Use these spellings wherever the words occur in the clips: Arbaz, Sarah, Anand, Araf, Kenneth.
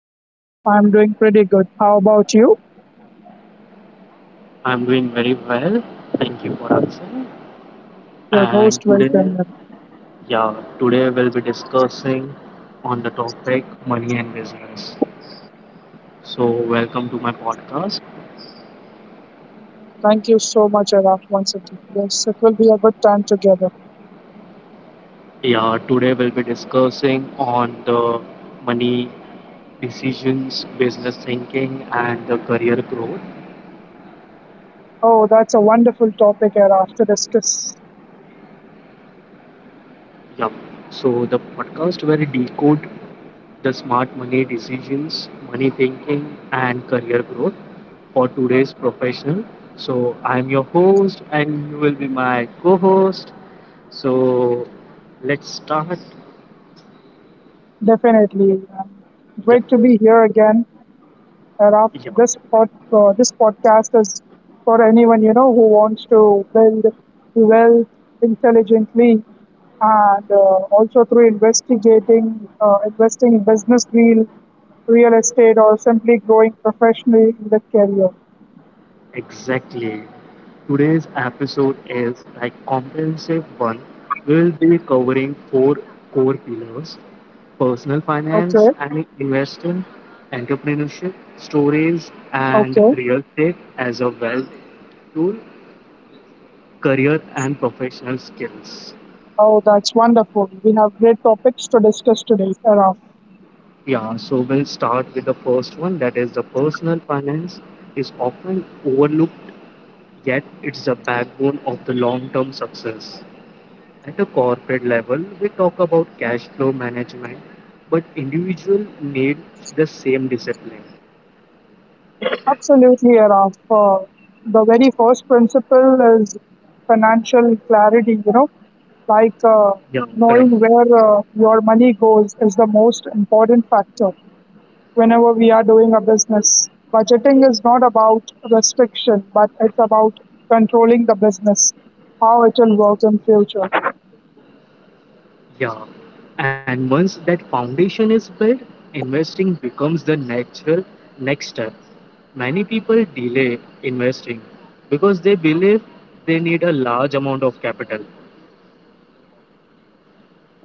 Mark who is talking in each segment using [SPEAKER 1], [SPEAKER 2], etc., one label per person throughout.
[SPEAKER 1] hi, Araf. I'm doing pretty good. How about you?
[SPEAKER 2] I'm doing very well. Thank you for asking.
[SPEAKER 1] You're
[SPEAKER 2] And
[SPEAKER 1] most welcome,
[SPEAKER 2] today,
[SPEAKER 1] Araf.
[SPEAKER 2] yeah, today we'll be discussing on the topic money and business. So, welcome to my podcast.
[SPEAKER 1] Thank you so much, Araf, once again. Yes, it will be a good time together.
[SPEAKER 2] Yeah, today we'll be discussing on the money decisions, business thinking, and the career growth.
[SPEAKER 1] Oh, that's a wonderful topic, Araf, to discuss.
[SPEAKER 2] Yeah. So the podcast where we decode the smart money decisions, money thinking, and career growth for today's professional. So I'm your host, and you will be my co-host. So let's start.
[SPEAKER 1] Definitely.
[SPEAKER 2] Yeah,
[SPEAKER 1] Great to be here again, Araf.
[SPEAKER 2] yeah.
[SPEAKER 1] This podcast is for anyone, who wants to build wealth intelligently and also through investigating, investing in business deal, real estate, or simply growing professionally in the career.
[SPEAKER 2] Exactly. Today's episode is a comprehensive one. We'll be covering four core pillars: personal
[SPEAKER 1] Okay,
[SPEAKER 2] finance and investing, entrepreneurship, stories, and
[SPEAKER 1] okay.
[SPEAKER 2] real estate as a wealth tool, career and professional skills.
[SPEAKER 1] Oh, that's wonderful. We have great topics to discuss today, Araf.
[SPEAKER 2] Yeah, so we'll start with the first one, that is the personal finance is often overlooked, yet it's the backbone of the long term success. At a corporate level, we talk about cash flow management, but individual need the same discipline.
[SPEAKER 1] Absolutely, Araf. The very first principle is financial clarity, like
[SPEAKER 2] Yeah, correct.
[SPEAKER 1] knowing where your money goes is the most important factor whenever we are doing a business. Budgeting is not about restriction, but it's about controlling the business, how it will work in future.
[SPEAKER 2] Yeah. And once that foundation is built, investing becomes the natural next step. Many people delay investing because they believe they need a large amount of capital.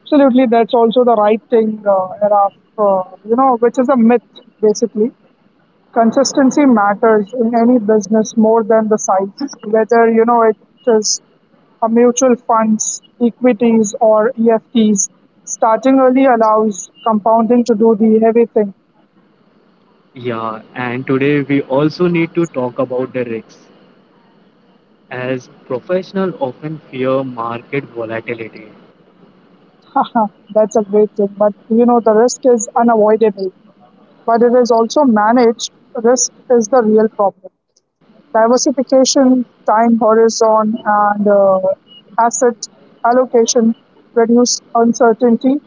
[SPEAKER 1] Absolutely, that's also the right thing, Araf, you know, which is a myth basically. Consistency matters in any business more than the size, whether you know it is a mutual funds, equities, or EFTs. Starting early allows compounding to do the heavy thing.
[SPEAKER 2] Yeah, and today we also need to talk about the risks as professionals often fear market volatility.
[SPEAKER 1] That's a great thing, but you know, the risk is unavoidable, but it is also managed. Risk is the real problem. Diversification, time horizon, and asset allocation reduce uncertainty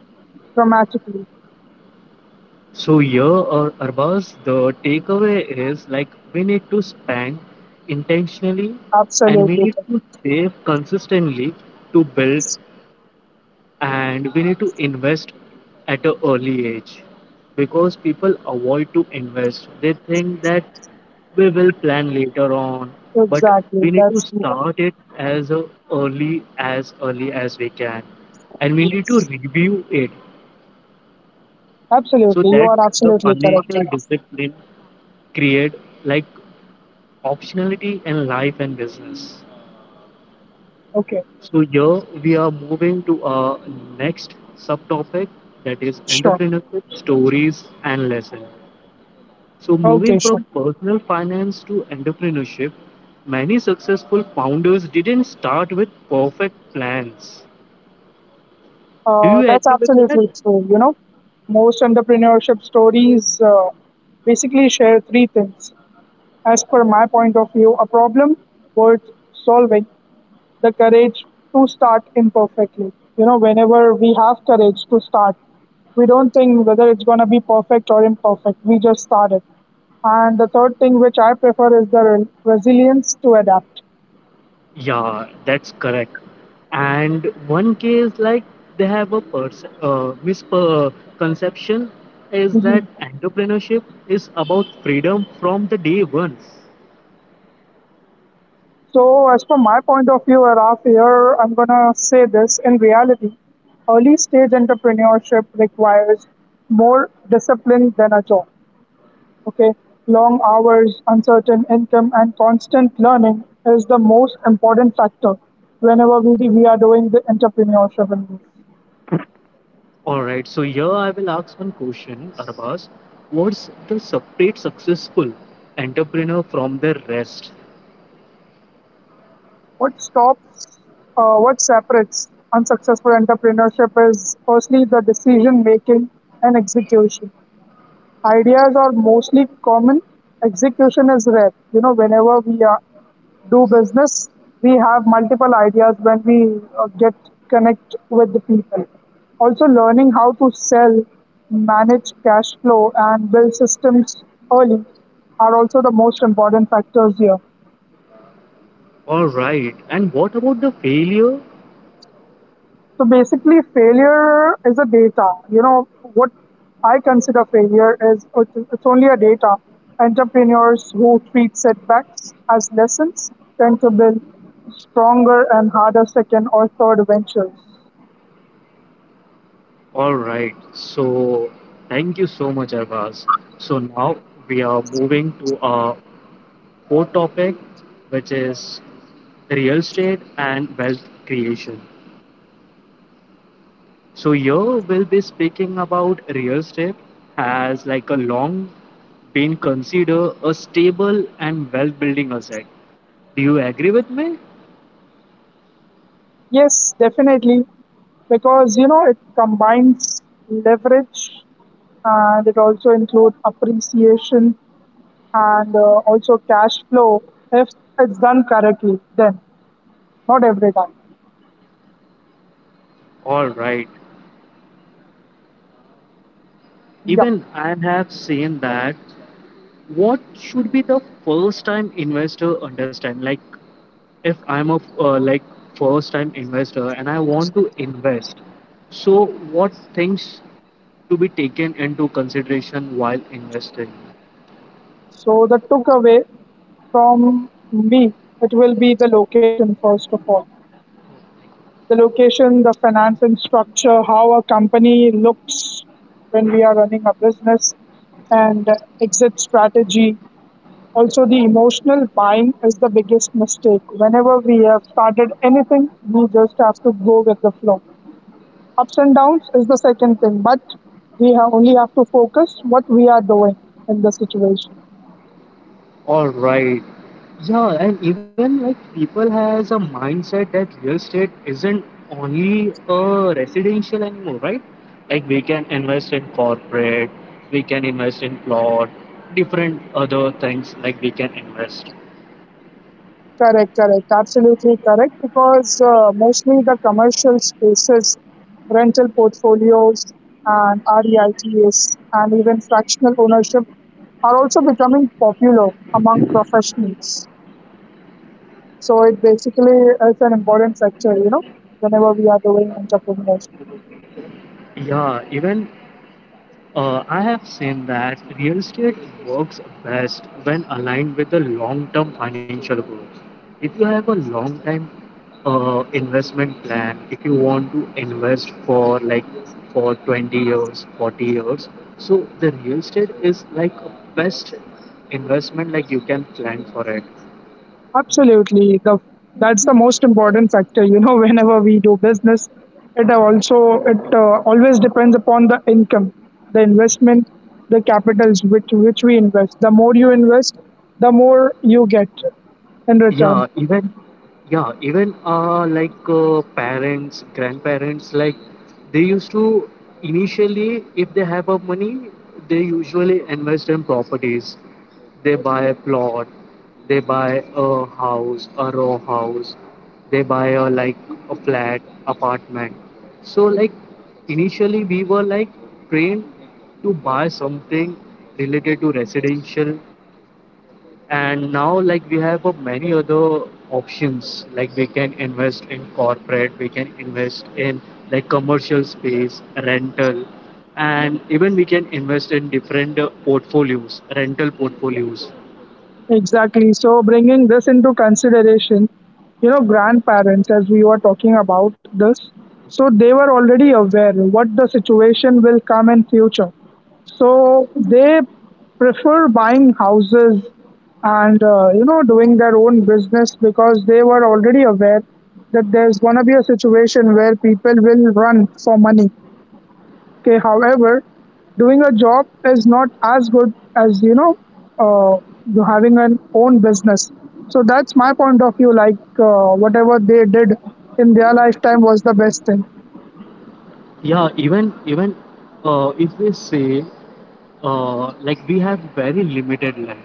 [SPEAKER 1] dramatically.
[SPEAKER 2] So yeah, Arbaz, the takeaway is like we need to spend intentionally, and we
[SPEAKER 1] Absolutely,
[SPEAKER 2] need to save consistently to build,
[SPEAKER 1] correct.
[SPEAKER 2] and we need to invest at an early age because people avoid to invest. They think that we will plan later on, but
[SPEAKER 1] Exactly.
[SPEAKER 2] we need to
[SPEAKER 1] That's the one.
[SPEAKER 2] start it as a early, as early as we can, and we need to
[SPEAKER 1] Yes.
[SPEAKER 2] review it so
[SPEAKER 1] Absolutely. You
[SPEAKER 2] that
[SPEAKER 1] are
[SPEAKER 2] the
[SPEAKER 1] absolutely correct,
[SPEAKER 2] financial
[SPEAKER 1] Kenneth.
[SPEAKER 2] discipline create like optionality in life and business.
[SPEAKER 1] Okay.
[SPEAKER 2] So here we are moving to our next subtopic, that is
[SPEAKER 1] Sure.
[SPEAKER 2] entrepreneurship stories and lesson. So moving
[SPEAKER 1] Okay, sure.
[SPEAKER 2] from personal finance to entrepreneurship, many successful founders didn't start with perfect plans. Do you
[SPEAKER 1] That's
[SPEAKER 2] agree with that?
[SPEAKER 1] absolutely true. You know, most entrepreneurship stories basically share three things. As per my point of view, a problem worth solving, the courage to start imperfectly. You know, whenever we have courage to start, we don't think whether it's going to be perfect or imperfect. We just start it. And the third thing which I prefer is the resilience to adapt.
[SPEAKER 2] Yeah, that's correct. And one case, like they have a misconception is that
[SPEAKER 1] Mhm.
[SPEAKER 2] entrepreneurship is about freedom from the day one.
[SPEAKER 1] So, as per my point of view, Araf, here I'm going to say this in reality, early stage entrepreneurship requires more discipline than a job. Okay, long hours, uncertain income, and constant learning is the most important factor whenever we are doing the entrepreneurship.
[SPEAKER 2] All right, so here I will ask one question, Arbaz. What's the separate successful entrepreneur from the rest?
[SPEAKER 1] What stops, what separates unsuccessful entrepreneurship is firstly the decision making and execution. Ideas are mostly common, execution is rare. You know, do business, we have multiple ideas when we get connect with the people. Also, learning how to sell, manage cash flow, and build systems early are also the most important factors here.
[SPEAKER 2] All right, and what about the failure?
[SPEAKER 1] So basically, failure is a data. You know, what I consider failure is it's only a data. Entrepreneurs who treat setbacks as lessons tend to build stronger and harder second or third ventures.
[SPEAKER 2] All right, so thank you so much, Arbaz. So now we are moving to our fourth topic, which is real estate and wealth creation. So here we'll be speaking about real estate has like a long been considered a stable and wealth building asset. Do you agree with me?
[SPEAKER 1] Yes, definitely, because you know it combines leverage and it also includes appreciation and also cash flow if it's done correctly. Then, not every time.
[SPEAKER 2] All right.
[SPEAKER 1] Yep.
[SPEAKER 2] Even I have seen that, what should be the first time investor understand, like if I'm a like first time investor and I want to invest, so what things to be taken into consideration while investing.
[SPEAKER 1] So the takeaway from me, it will be the location first of all. The location, the financing structure, how a company looks when we are running a business, and exit strategy. Also, the emotional buying is the biggest mistake. Whenever we have started anything, we just have to go with the flow. Ups and downs is the second thing, but we have only have to focus what we are doing in the situation.
[SPEAKER 2] All right. Yeah, and even like people has a mindset that real estate isn't only a residential anymore, right? Like we can invest in corporate, we can invest in plot, different other things like we can invest.
[SPEAKER 1] Absolutely correct. Because mostly the commercial spaces, rental portfolios, and REITs, and even fractional ownership are also becoming popular among professionals. So it basically is an important factor, you know, whenever we are doing entrepreneurship.
[SPEAKER 2] Yeah, even I have seen that real estate works best when aligned with the long term financial goals. If you have a long time investment plan, if you want to invest for like for 20 years, 40 years, so the real estate is like a best investment like you can plan for it.
[SPEAKER 1] Absolutely. The That's the most important factor. You know, whenever we do business, it always depends upon the income, the investment, the capitals which we invest. The more you invest, the more you get in return.
[SPEAKER 2] Yeah, even yeah, even parents, grandparents, like they used to initially, if they have a money, they usually invest in properties. They buy a plot, they buy a house, a row house, they buy a like a flat, apartment. So like initially we were like trained to buy something related to residential, and now like we have many other options, like we can invest in corporate, we can invest in like commercial space rental, and even we can invest in different portfolios, rental portfolios.
[SPEAKER 1] Exactly. So, bringing this into consideration, you know, grandparents, as we were talking about this, so they were already aware what the situation will come in future. So they prefer buying houses and you know doing their own business because they were already aware that there's gonna be a situation where people will run for money. Okay, however, doing a job is not as good as uh, you having an own business. So that's my point of view. Like whatever they did in their lifetime was the best thing.
[SPEAKER 2] Yeah, even if we say like we have very limited land,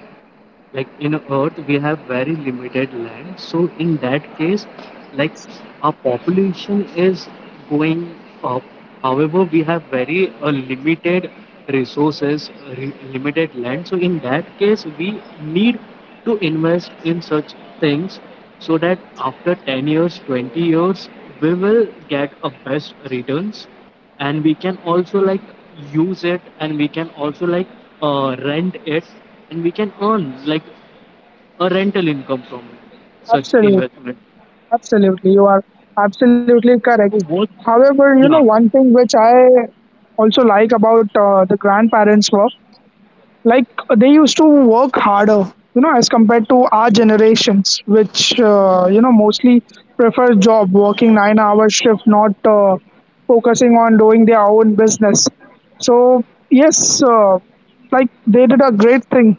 [SPEAKER 2] like in earth we have very limited land, so in that case, like our population is going up, however we have very limited resources, limited land, so in that case we need to invest in such things so that after 10 years, 20 years, we will get a best returns, and we can also like use it, and we can also like rent it, and we can earn like a rental income from such
[SPEAKER 1] Absolutely,
[SPEAKER 2] investment.
[SPEAKER 1] you are absolutely correct.
[SPEAKER 2] So what?
[SPEAKER 1] However, you know
[SPEAKER 2] Yeah.
[SPEAKER 1] one thing which I also like about the grandparents' work, like they used to work harder, you know, as compared to our generations which you know mostly prefer job working 9-hour hour shift, not focusing on doing their own business. So yes, like they did a great thing,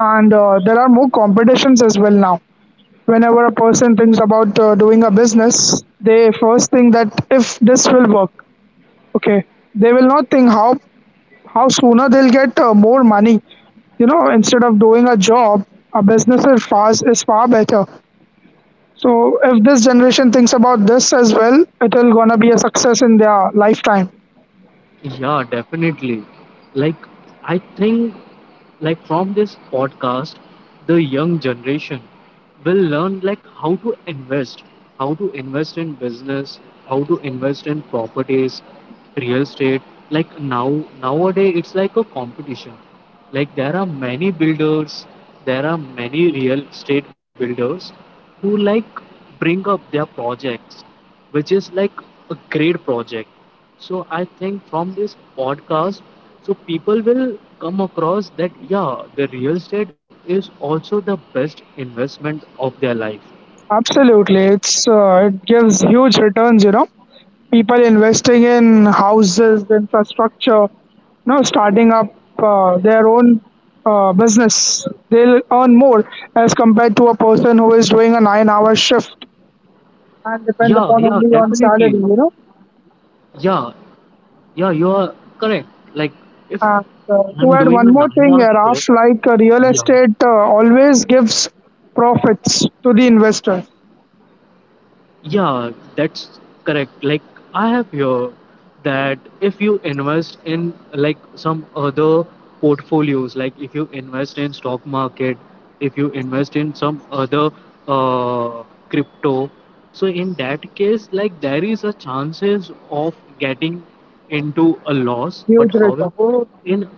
[SPEAKER 1] and there are more competitions as well now. Whenever a person thinks about doing a business, they first think that if this will work, okay, they will not think how sooner they'll get more money. You know, instead of doing a job, a business is far better. So if this generation thinks about this as well, it'll gonna be a success in their lifetime.
[SPEAKER 2] Yeah, definitely. Like, I think, like, from this podcast, the young generation will learn, like, how to invest in business, how to invest in properties, real estate. Like, now, nowadays, it's like a competition. Like, there are many builders, there are many real estate builders who, like, bring up their projects which is like a great project. So I think from this podcast, so people will come across that yeah, the real estate is also the best investment of their life.
[SPEAKER 1] Absolutely, it gives huge returns. You know, people investing in houses, infrastructure, you know, starting up their own business, they'll earn more as compared to a person who is doing a nine-hour shift and depends
[SPEAKER 2] Yeah,
[SPEAKER 1] upon
[SPEAKER 2] yeah,
[SPEAKER 1] only on salary.
[SPEAKER 2] definitely.
[SPEAKER 1] You know,
[SPEAKER 2] Yeah, yeah, you are correct. Like if
[SPEAKER 1] and so to
[SPEAKER 2] I'm
[SPEAKER 1] add
[SPEAKER 2] doing
[SPEAKER 1] one
[SPEAKER 2] a
[SPEAKER 1] more
[SPEAKER 2] nine
[SPEAKER 1] thing,
[SPEAKER 2] hour shift,
[SPEAKER 1] Raf, like real
[SPEAKER 2] yeah.
[SPEAKER 1] estate always gives profits to the investors,
[SPEAKER 2] Yeah, that's correct. Like I have heard that if you invest in like some other portfolios, like if you invest in stock market, if you invest in some other uh, crypto, so in that case, like there is a chances of getting into a loss. But
[SPEAKER 1] huge return.
[SPEAKER 2] however, in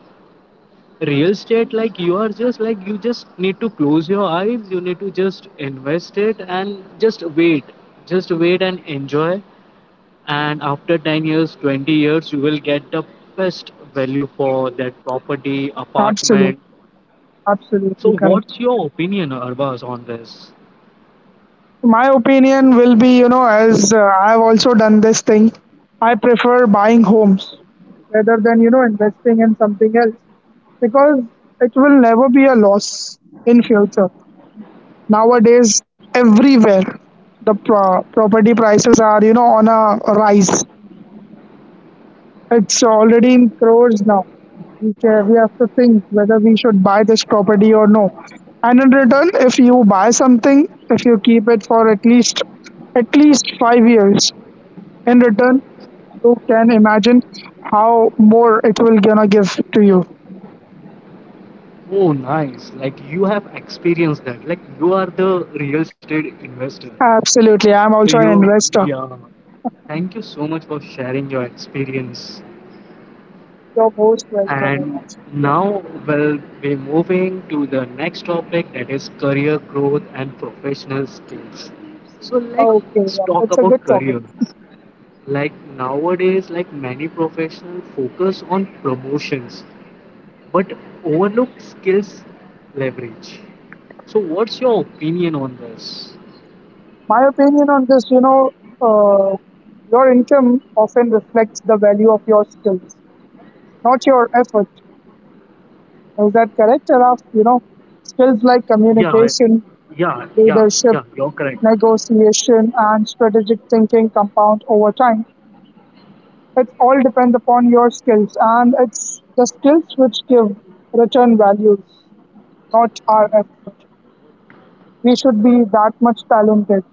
[SPEAKER 2] real estate like you are just like, you just need to close your eyes, you need to just invest it and just wait, just wait and enjoy, and after 10 years, 20 years you will get the best value for that property,
[SPEAKER 1] Absolutely,
[SPEAKER 2] apartment.
[SPEAKER 1] absolutely
[SPEAKER 2] So
[SPEAKER 1] correct.
[SPEAKER 2] what's your opinion, Arbaz, on this?
[SPEAKER 1] So my opinion will be, you know, as I have also done this thing, I prefer buying homes rather than you know investing in something else because it will never be a loss in future. Nowadays everywhere the property prices are you know on a rise. It's already in crores now. We have to think whether we should buy this property or no. And in return, if you buy something, if you keep it for at least 5 years, in return you can imagine how more it will gonna give to you.
[SPEAKER 2] Oh nice, like you have experienced that, like you are the real estate investor.
[SPEAKER 1] Absolutely,
[SPEAKER 2] So
[SPEAKER 1] I'm
[SPEAKER 2] you,
[SPEAKER 1] also an
[SPEAKER 2] yeah,
[SPEAKER 1] investor.
[SPEAKER 2] thank you so much for sharing your experience.
[SPEAKER 1] You're most welcome,
[SPEAKER 2] And
[SPEAKER 1] Anand. Yeah.
[SPEAKER 2] now we'll be moving to the next topic, that is career growth and professional skills. So
[SPEAKER 1] Okay,
[SPEAKER 2] let's
[SPEAKER 1] yeah,
[SPEAKER 2] talk
[SPEAKER 1] that's a good
[SPEAKER 2] about
[SPEAKER 1] topic.
[SPEAKER 2] career. Like nowadays, like many professionals focus on promotions but overlook skills leverage. So what's your opinion on this?
[SPEAKER 1] My opinion on this, you know, uh, your income often reflects the value of your skills, not your effort. Is that correct? Enough, you know, skills like
[SPEAKER 2] Yeah,
[SPEAKER 1] communication,
[SPEAKER 2] yeah, yeah,
[SPEAKER 1] leadership,
[SPEAKER 2] yeah, you're correct.
[SPEAKER 1] negotiation, and strategic thinking compound over time. It all depends upon your skills, and it's the skills which give return values, not our effort. We should be that much talented.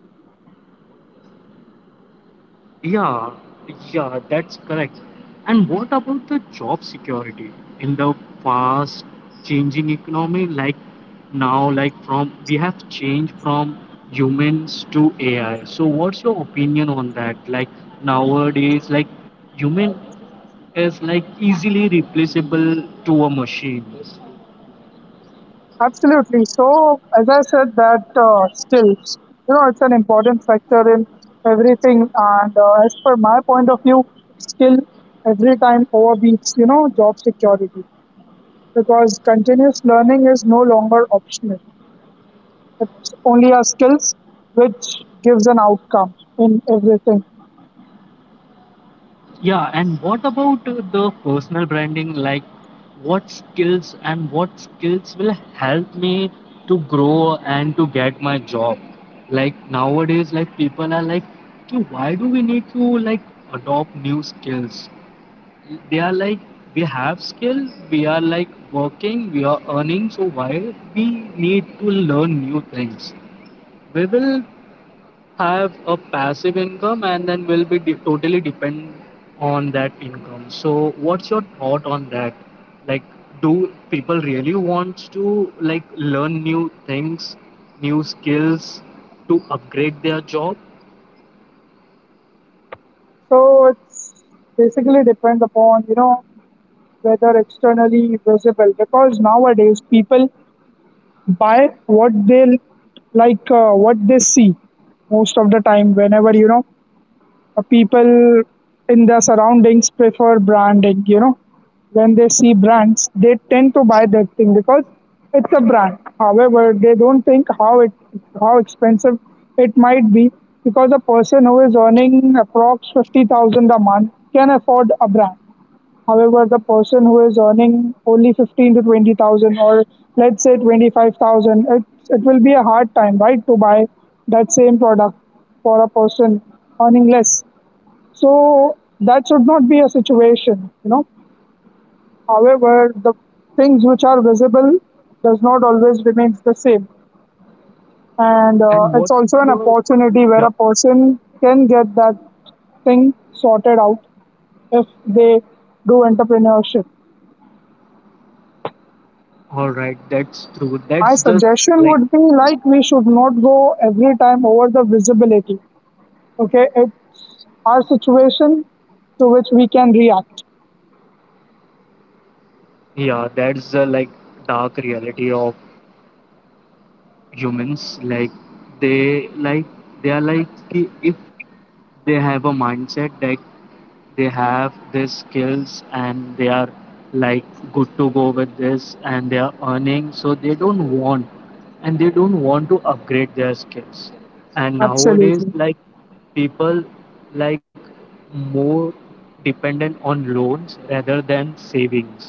[SPEAKER 2] Yeah, yeah, that's correct. And what about the job security in the fast changing economy? Like now, like from we have changed from humans to AI. So what's your opinion on that? Like nowadays, like human is like easily replaceable to a machine.
[SPEAKER 1] Absolutely. So, as I said, that skills, you know, it's an important factor in everything. And as per my point of view, skill every time overbeats, you know, job security, because continuous learning is no longer optional. It's only our skills which gives an outcome in everything.
[SPEAKER 2] Yeah, and what about the personal branding? Like, what skills, and what skills will help me to grow and to get my job? Like nowadays, like people are like, "Ki, why do we need to like adopt new skills? They are like, we have skill, we are like working, we are earning, so why we need to learn new things? We will have a passive income and then will be totally depend on that income. So what's your thought on that? Like do people really want to like learn new things, new skills to upgrade their job?
[SPEAKER 1] So, it's basically depends upon, you know, whether externally visible, because nowadays people by what they like what they see most of the time. Whenever people in their surroundings prefer branding, you know, when they see brands they tend to buy that thing because it's a brand. However, they don't think how expensive it might be, because a person who is earning approx 50,000 a month can afford a brand. However, the person who is earning only 15 to 20,000, or let's say 25,000, it will be a hard time, right, to buy that same product for a person earning less. So that should not be a situation, you know. However, the things which are visible does not always remains the same. And
[SPEAKER 2] And
[SPEAKER 1] it's
[SPEAKER 2] what
[SPEAKER 1] also an
[SPEAKER 2] your,
[SPEAKER 1] opportunity where
[SPEAKER 2] yeah,
[SPEAKER 1] a person can get that thing sorted out if they do entrepreneurship.
[SPEAKER 2] all right, that's true.
[SPEAKER 1] My suggestion
[SPEAKER 2] Like
[SPEAKER 1] would be like we should not go every time over the visibility. Okay, it's our situation to which we can react.
[SPEAKER 2] yeah, that's the like dark reality of humans, like they are like कि if they have a mindset that they have their skills and they are like good to go with this and they are earning, so they don't want, and they don't want to upgrade their skills. And nowadays
[SPEAKER 1] Absolutely,
[SPEAKER 2] like people like more dependent on loans rather than savings.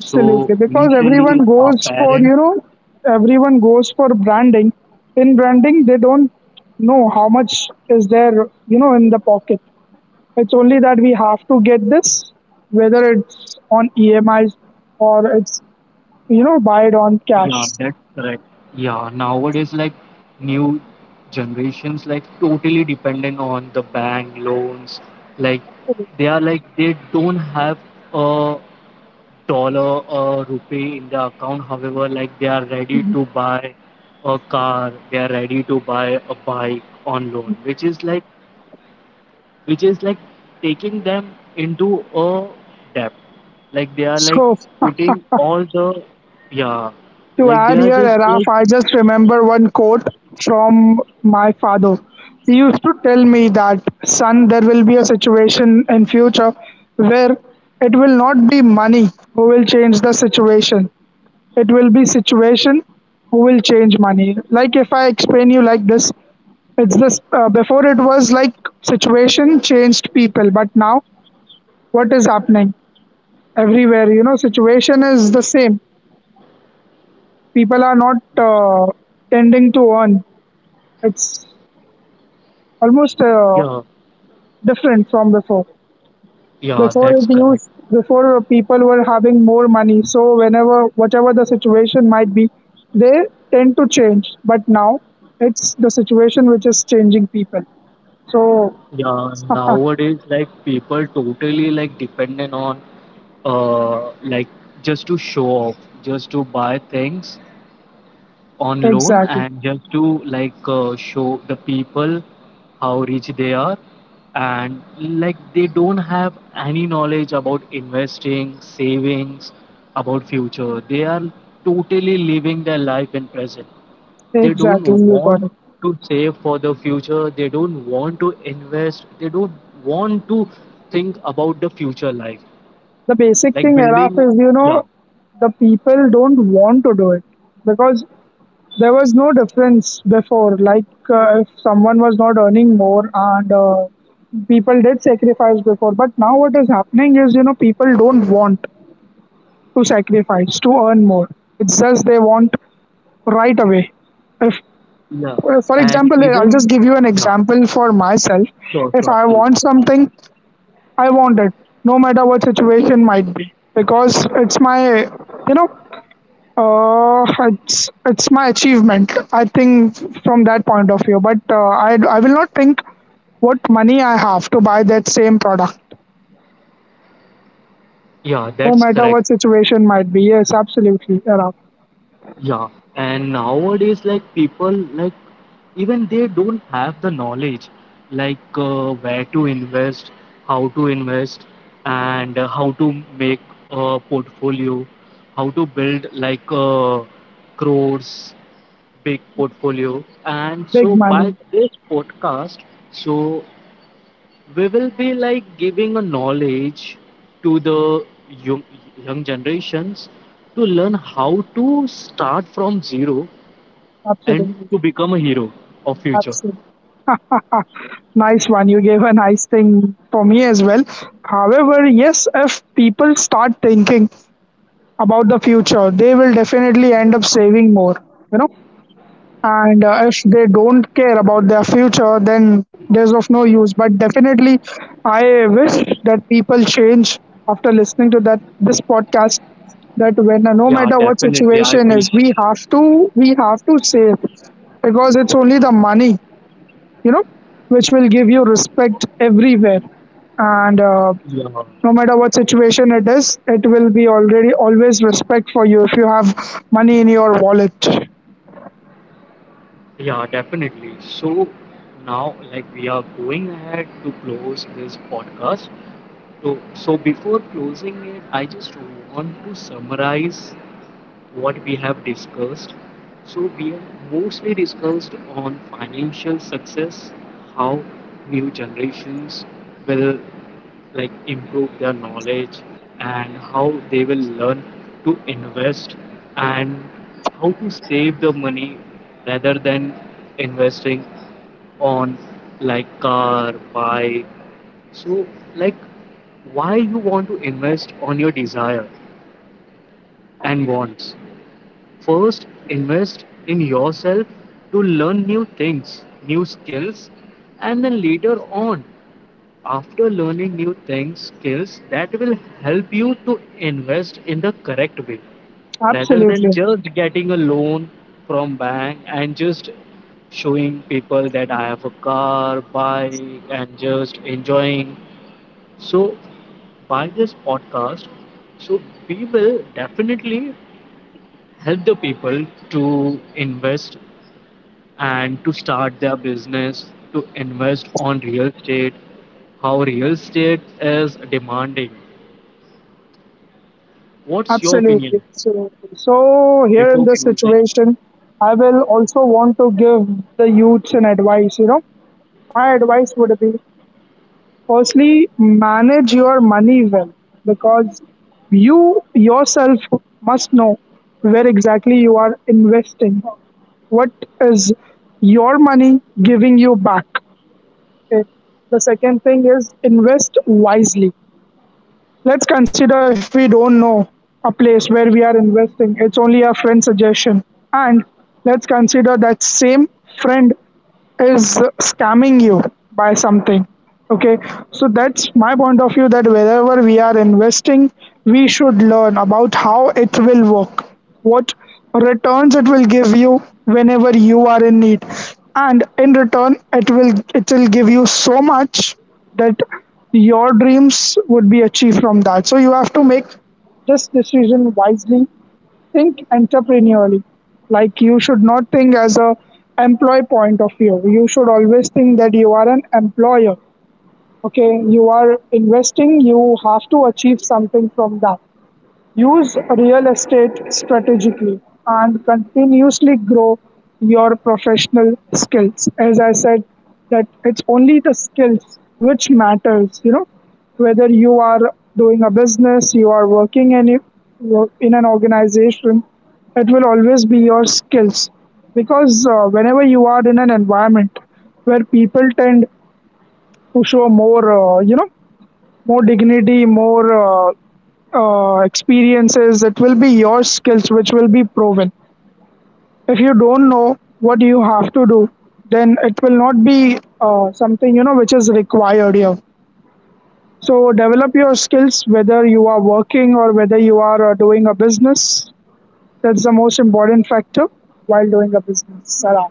[SPEAKER 2] So
[SPEAKER 1] Because
[SPEAKER 2] initially
[SPEAKER 1] everyone
[SPEAKER 2] our
[SPEAKER 1] goes for
[SPEAKER 2] parents.
[SPEAKER 1] you know, everyone goes for branding. In branding, they don't know how much is there you know in the pocket. It's only that we have to get this, whether it's on EMIs or it's you know buy it on cash.
[SPEAKER 2] Yeah, that's correct. Yeah, nowadays like new generations like totally dependent on the bank loans. Like they are like they don't have a dollar or rupee in their account. However, like they are ready
[SPEAKER 1] Mhm.
[SPEAKER 2] to buy a car, they are ready to buy a bike on loan, which is like, which is like taking them into a debt. Like they are like
[SPEAKER 1] So
[SPEAKER 2] putting all the, yeah,
[SPEAKER 1] to
[SPEAKER 2] like they
[SPEAKER 1] add
[SPEAKER 2] are
[SPEAKER 1] here,
[SPEAKER 2] just
[SPEAKER 1] Araf,
[SPEAKER 2] like.
[SPEAKER 1] I just remember one quote from my father. He used to tell me that, son, there will be a situation in future where it will not be money who will change the situation. It will be situation who will change money. Like if I explain you like this, it's this. Before it was like situation changed people, but now what is happening everywhere? You know, situation is the same. People are not tending to earn. It's almost
[SPEAKER 2] Yeah,
[SPEAKER 1] different from before.
[SPEAKER 2] yeah, that's correct.
[SPEAKER 1] Before people were having more money, so whenever whatever the situation might be, they tend to change. But now it's the situation which is changing people. So
[SPEAKER 2] Yeah, nowadays like people totally like dependent on like just to show off, just to buy things on loan,
[SPEAKER 1] exactly,
[SPEAKER 2] and just to like show the people how rich they are, and like they don't have any knowledge about investing, savings, about future. They are totally living their life in present. They
[SPEAKER 1] exactly,
[SPEAKER 2] don't
[SPEAKER 1] you got
[SPEAKER 2] want
[SPEAKER 1] it.
[SPEAKER 2] to save for the future, they don't want to invest, they don't want to think about the future life,
[SPEAKER 1] The basic
[SPEAKER 2] like
[SPEAKER 1] thing, Araf,
[SPEAKER 2] building,
[SPEAKER 1] is
[SPEAKER 2] yeah,
[SPEAKER 1] the people don't want to do it because there was no difference before, like if someone was not earning more and people did sacrifice before. But now what is happening is, you know, people don't want to sacrifice to earn more. It's just they want right away. If,
[SPEAKER 2] yeah,
[SPEAKER 1] for
[SPEAKER 2] and
[SPEAKER 1] example, I'll
[SPEAKER 2] even,
[SPEAKER 1] just give you an
[SPEAKER 2] yeah,
[SPEAKER 1] example for myself.
[SPEAKER 2] sure,
[SPEAKER 1] If
[SPEAKER 2] sure,
[SPEAKER 1] I
[SPEAKER 2] please.
[SPEAKER 1] want something, I want it, no matter what situation might be, because it's my, you know, uh, it's my achievement. I think from that point of view, but I will not think what money I have to buy that same product,
[SPEAKER 2] Yeah,
[SPEAKER 1] no
[SPEAKER 2] that's
[SPEAKER 1] matter
[SPEAKER 2] correct.
[SPEAKER 1] what situation might be. Yes, absolutely, Arab.
[SPEAKER 2] Yeah. And nowadays, like people, like even they don't have the knowledge, like where to invest, how to invest, and how to make a portfolio, how to build like crores, big portfolio. And
[SPEAKER 1] Big
[SPEAKER 2] so
[SPEAKER 1] money,
[SPEAKER 2] by this podcast, so we will be like giving a knowledge to the young, young generations to learn how to start from zero and
[SPEAKER 1] absolutely,
[SPEAKER 2] to become a hero of future.
[SPEAKER 1] absolutely. Nice one. You gave a nice thing for me as well. However, yes, if people start thinking about the future, they will definitely end up saving more. You know, and if they don't care about their future, then there's of no use, but definitely I wish that people change after listening to that this podcast, that when
[SPEAKER 2] Yeah,
[SPEAKER 1] no matter
[SPEAKER 2] definitely,
[SPEAKER 1] what
[SPEAKER 2] I wish.
[SPEAKER 1] situation is, we have to save, because it's only the money, you know, which will give you respect everywhere, and
[SPEAKER 2] Yeah,
[SPEAKER 1] no matter what situation it is, it will be already always respect for you if you have money in your wallet.
[SPEAKER 2] yeah, definitely. So now like we are going ahead to close this podcast, so before closing it I just want to summarize what we have discussed. So, we have mostly discussed on financial success, how new generations will like improve their knowledge and how they will learn to invest and how to save the money rather than investing on like car, bike. So, like, why you want to invest on your desire and wants? First, invest in yourself to learn new things, new skills, and then later on, after learning new things, skills, that will help you to invest in the correct way rather than
[SPEAKER 1] Absolutely.
[SPEAKER 2] just getting a loan from bank and just showing people that I have a car, bike, and just enjoying. So, by this podcast, so we will definitely help the people to invest and to start their business, to invest on real estate, how real estate is demanding. What's your opinion
[SPEAKER 1] Absolutely, absolutely. So here in
[SPEAKER 2] before
[SPEAKER 1] this
[SPEAKER 2] closing?
[SPEAKER 1] situation, I will also want to give the youths an advice. You know, my advice would be, firstly, manage your money well, because you yourself must know where exactly you are investing. What is your money giving you back? Okay. The second thing is invest wisely. Let's consider if we don't know a place where we are investing, it's only a friend suggestion. And let's consider that same friend is scamming you by something, okay? So that's my point of view, that wherever we are investing, we should learn about how it will work, what returns it will give you whenever you are in need, and in return it will give you so much that your dreams would be achieved from that. So you have to make this decision wisely, think entrepreneurially. Like, you should not think as a employee point of view. You should always think that you are an employer. Okay, you are investing. You have to achieve something from that. Use real estate strategically and continuously grow your professional skills. As I said, that it's only the skills which matters, you know, whether you are doing a business, you are working in an organization, it will always be your skills, because whenever you are in an environment where people tend to show more, more dignity, more experiences, it will be your skills which will be proven. If you don't know what you have to do, then it will not be something, you know, which is required here. So develop your skills, whether you are working or whether you are doing a business. That's the most important factor while doing a business, Sarah.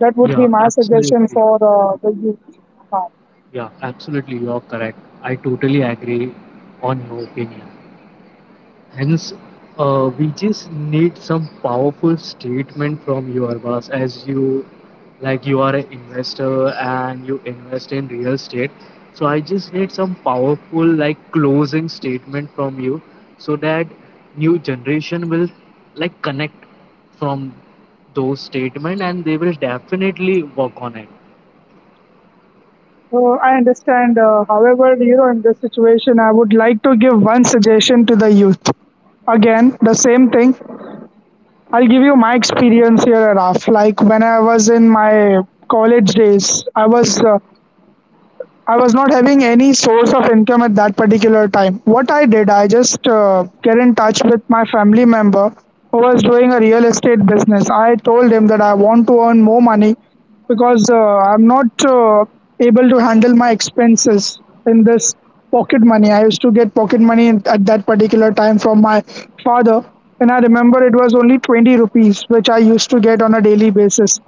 [SPEAKER 1] That would be
[SPEAKER 2] Yeah,
[SPEAKER 1] my suggestion
[SPEAKER 2] absolutely.
[SPEAKER 1] for the youth now.
[SPEAKER 2] Yeah, absolutely. You're correct. I totally agree on your opinion. Hence, we just need some powerful statement from your boss, as you like you are an investor and you invest in real estate. So I just need some powerful like closing statement from you so that new generation will like connect from those statement and they will definitely work on it.
[SPEAKER 1] Oh, I understand. However, you know, in this situation, I would like to give one suggestion to the youth. Again, the same thing. I'll give you my experience here, Raf. Like, when I was in my college days, I was not having any source of income at that particular time. What I did, I just get in touch with my family member who was doing a real estate business. I told him that I want to earn more money, because I'm not able to handle my expenses in this pocket money. I used to get pocket money at that particular time from my father, and I remember it was only 20 rupees, which I used to get on a daily basis.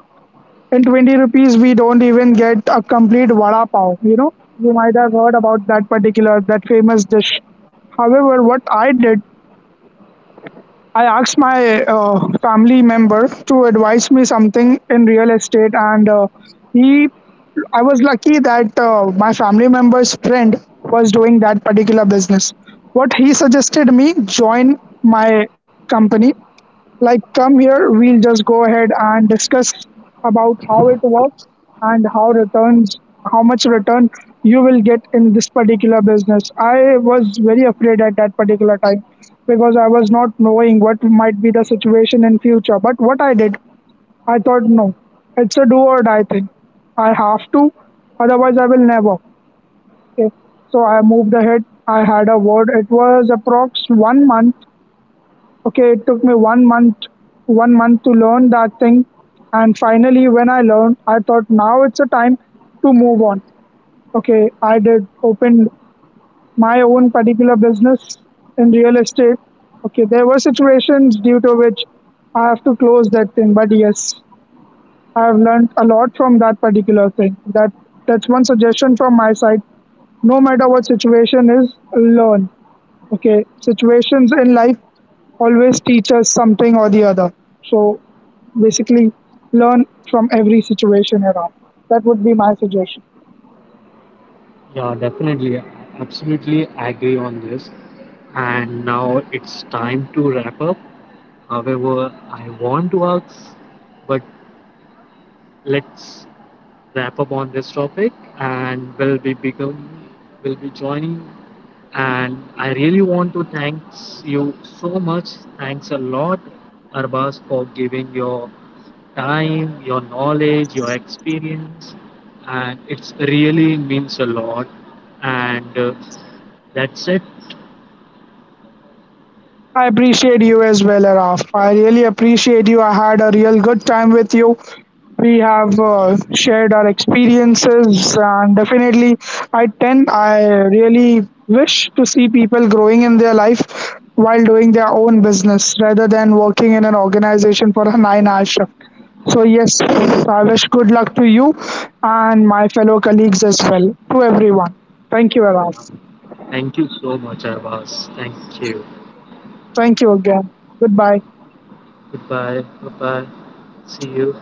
[SPEAKER 1] In 20 rupees, we don't even get a complete vada pav, you know. You might have heard about that particular that famous dish. However, what I did, I asked my uh, family member to advise me something in real estate, and he I was lucky that my family member's friend was doing that particular business. What he suggested me: join my company, like, come here, we'll just go ahead and discuss about how it works, and how returns, how much return you will get in this particular business. I was very afraid at that particular time, because I was not knowing what might be the situation in future. But what I did, I thought, no, it's a do or die thing. I have to, otherwise I will never. Okay. So I moved ahead. I had a word. It was approx 1 month. Okay, it took me 1 month, 1 month to learn that thing, and finally, when I learned, I thought now it's a time to move on. Okay, I did open my own particular business in real estate. Okay, there were situations due to which I have to close that thing, but yes, I've learned a lot from that particular thing. That, that's one suggestion from my side. No matter what situation is, learn. Okay, situations in life always teach us something or the other. So basically, learn from every situation around. That would be my suggestion.
[SPEAKER 2] Yeah, definitely. Absolutely agree on this. And now it's time to wrap up. However, I want to ask, but let's wrap up on this topic and we'll be become, will be joining, and I really want to thanks you so much. Thanks a lot, Arbaz, for giving your time, your knowledge, your experience, and it's really means a lot. And that's it.
[SPEAKER 1] I appreciate you as well, Araf. I really appreciate you. I had a real good time with you. We have shared our experiences, and definitely, I really wish to see people growing in their life while doing their own business rather than working in an organization for a nine-hour shift. So yes, I wish good luck to you and my fellow colleagues as well, to everyone. Thank you, Araf.
[SPEAKER 2] Thank you so much, Arbaz. Thank you.
[SPEAKER 1] Thank you again. Goodbye.
[SPEAKER 2] Goodbye. Bye bye. See you.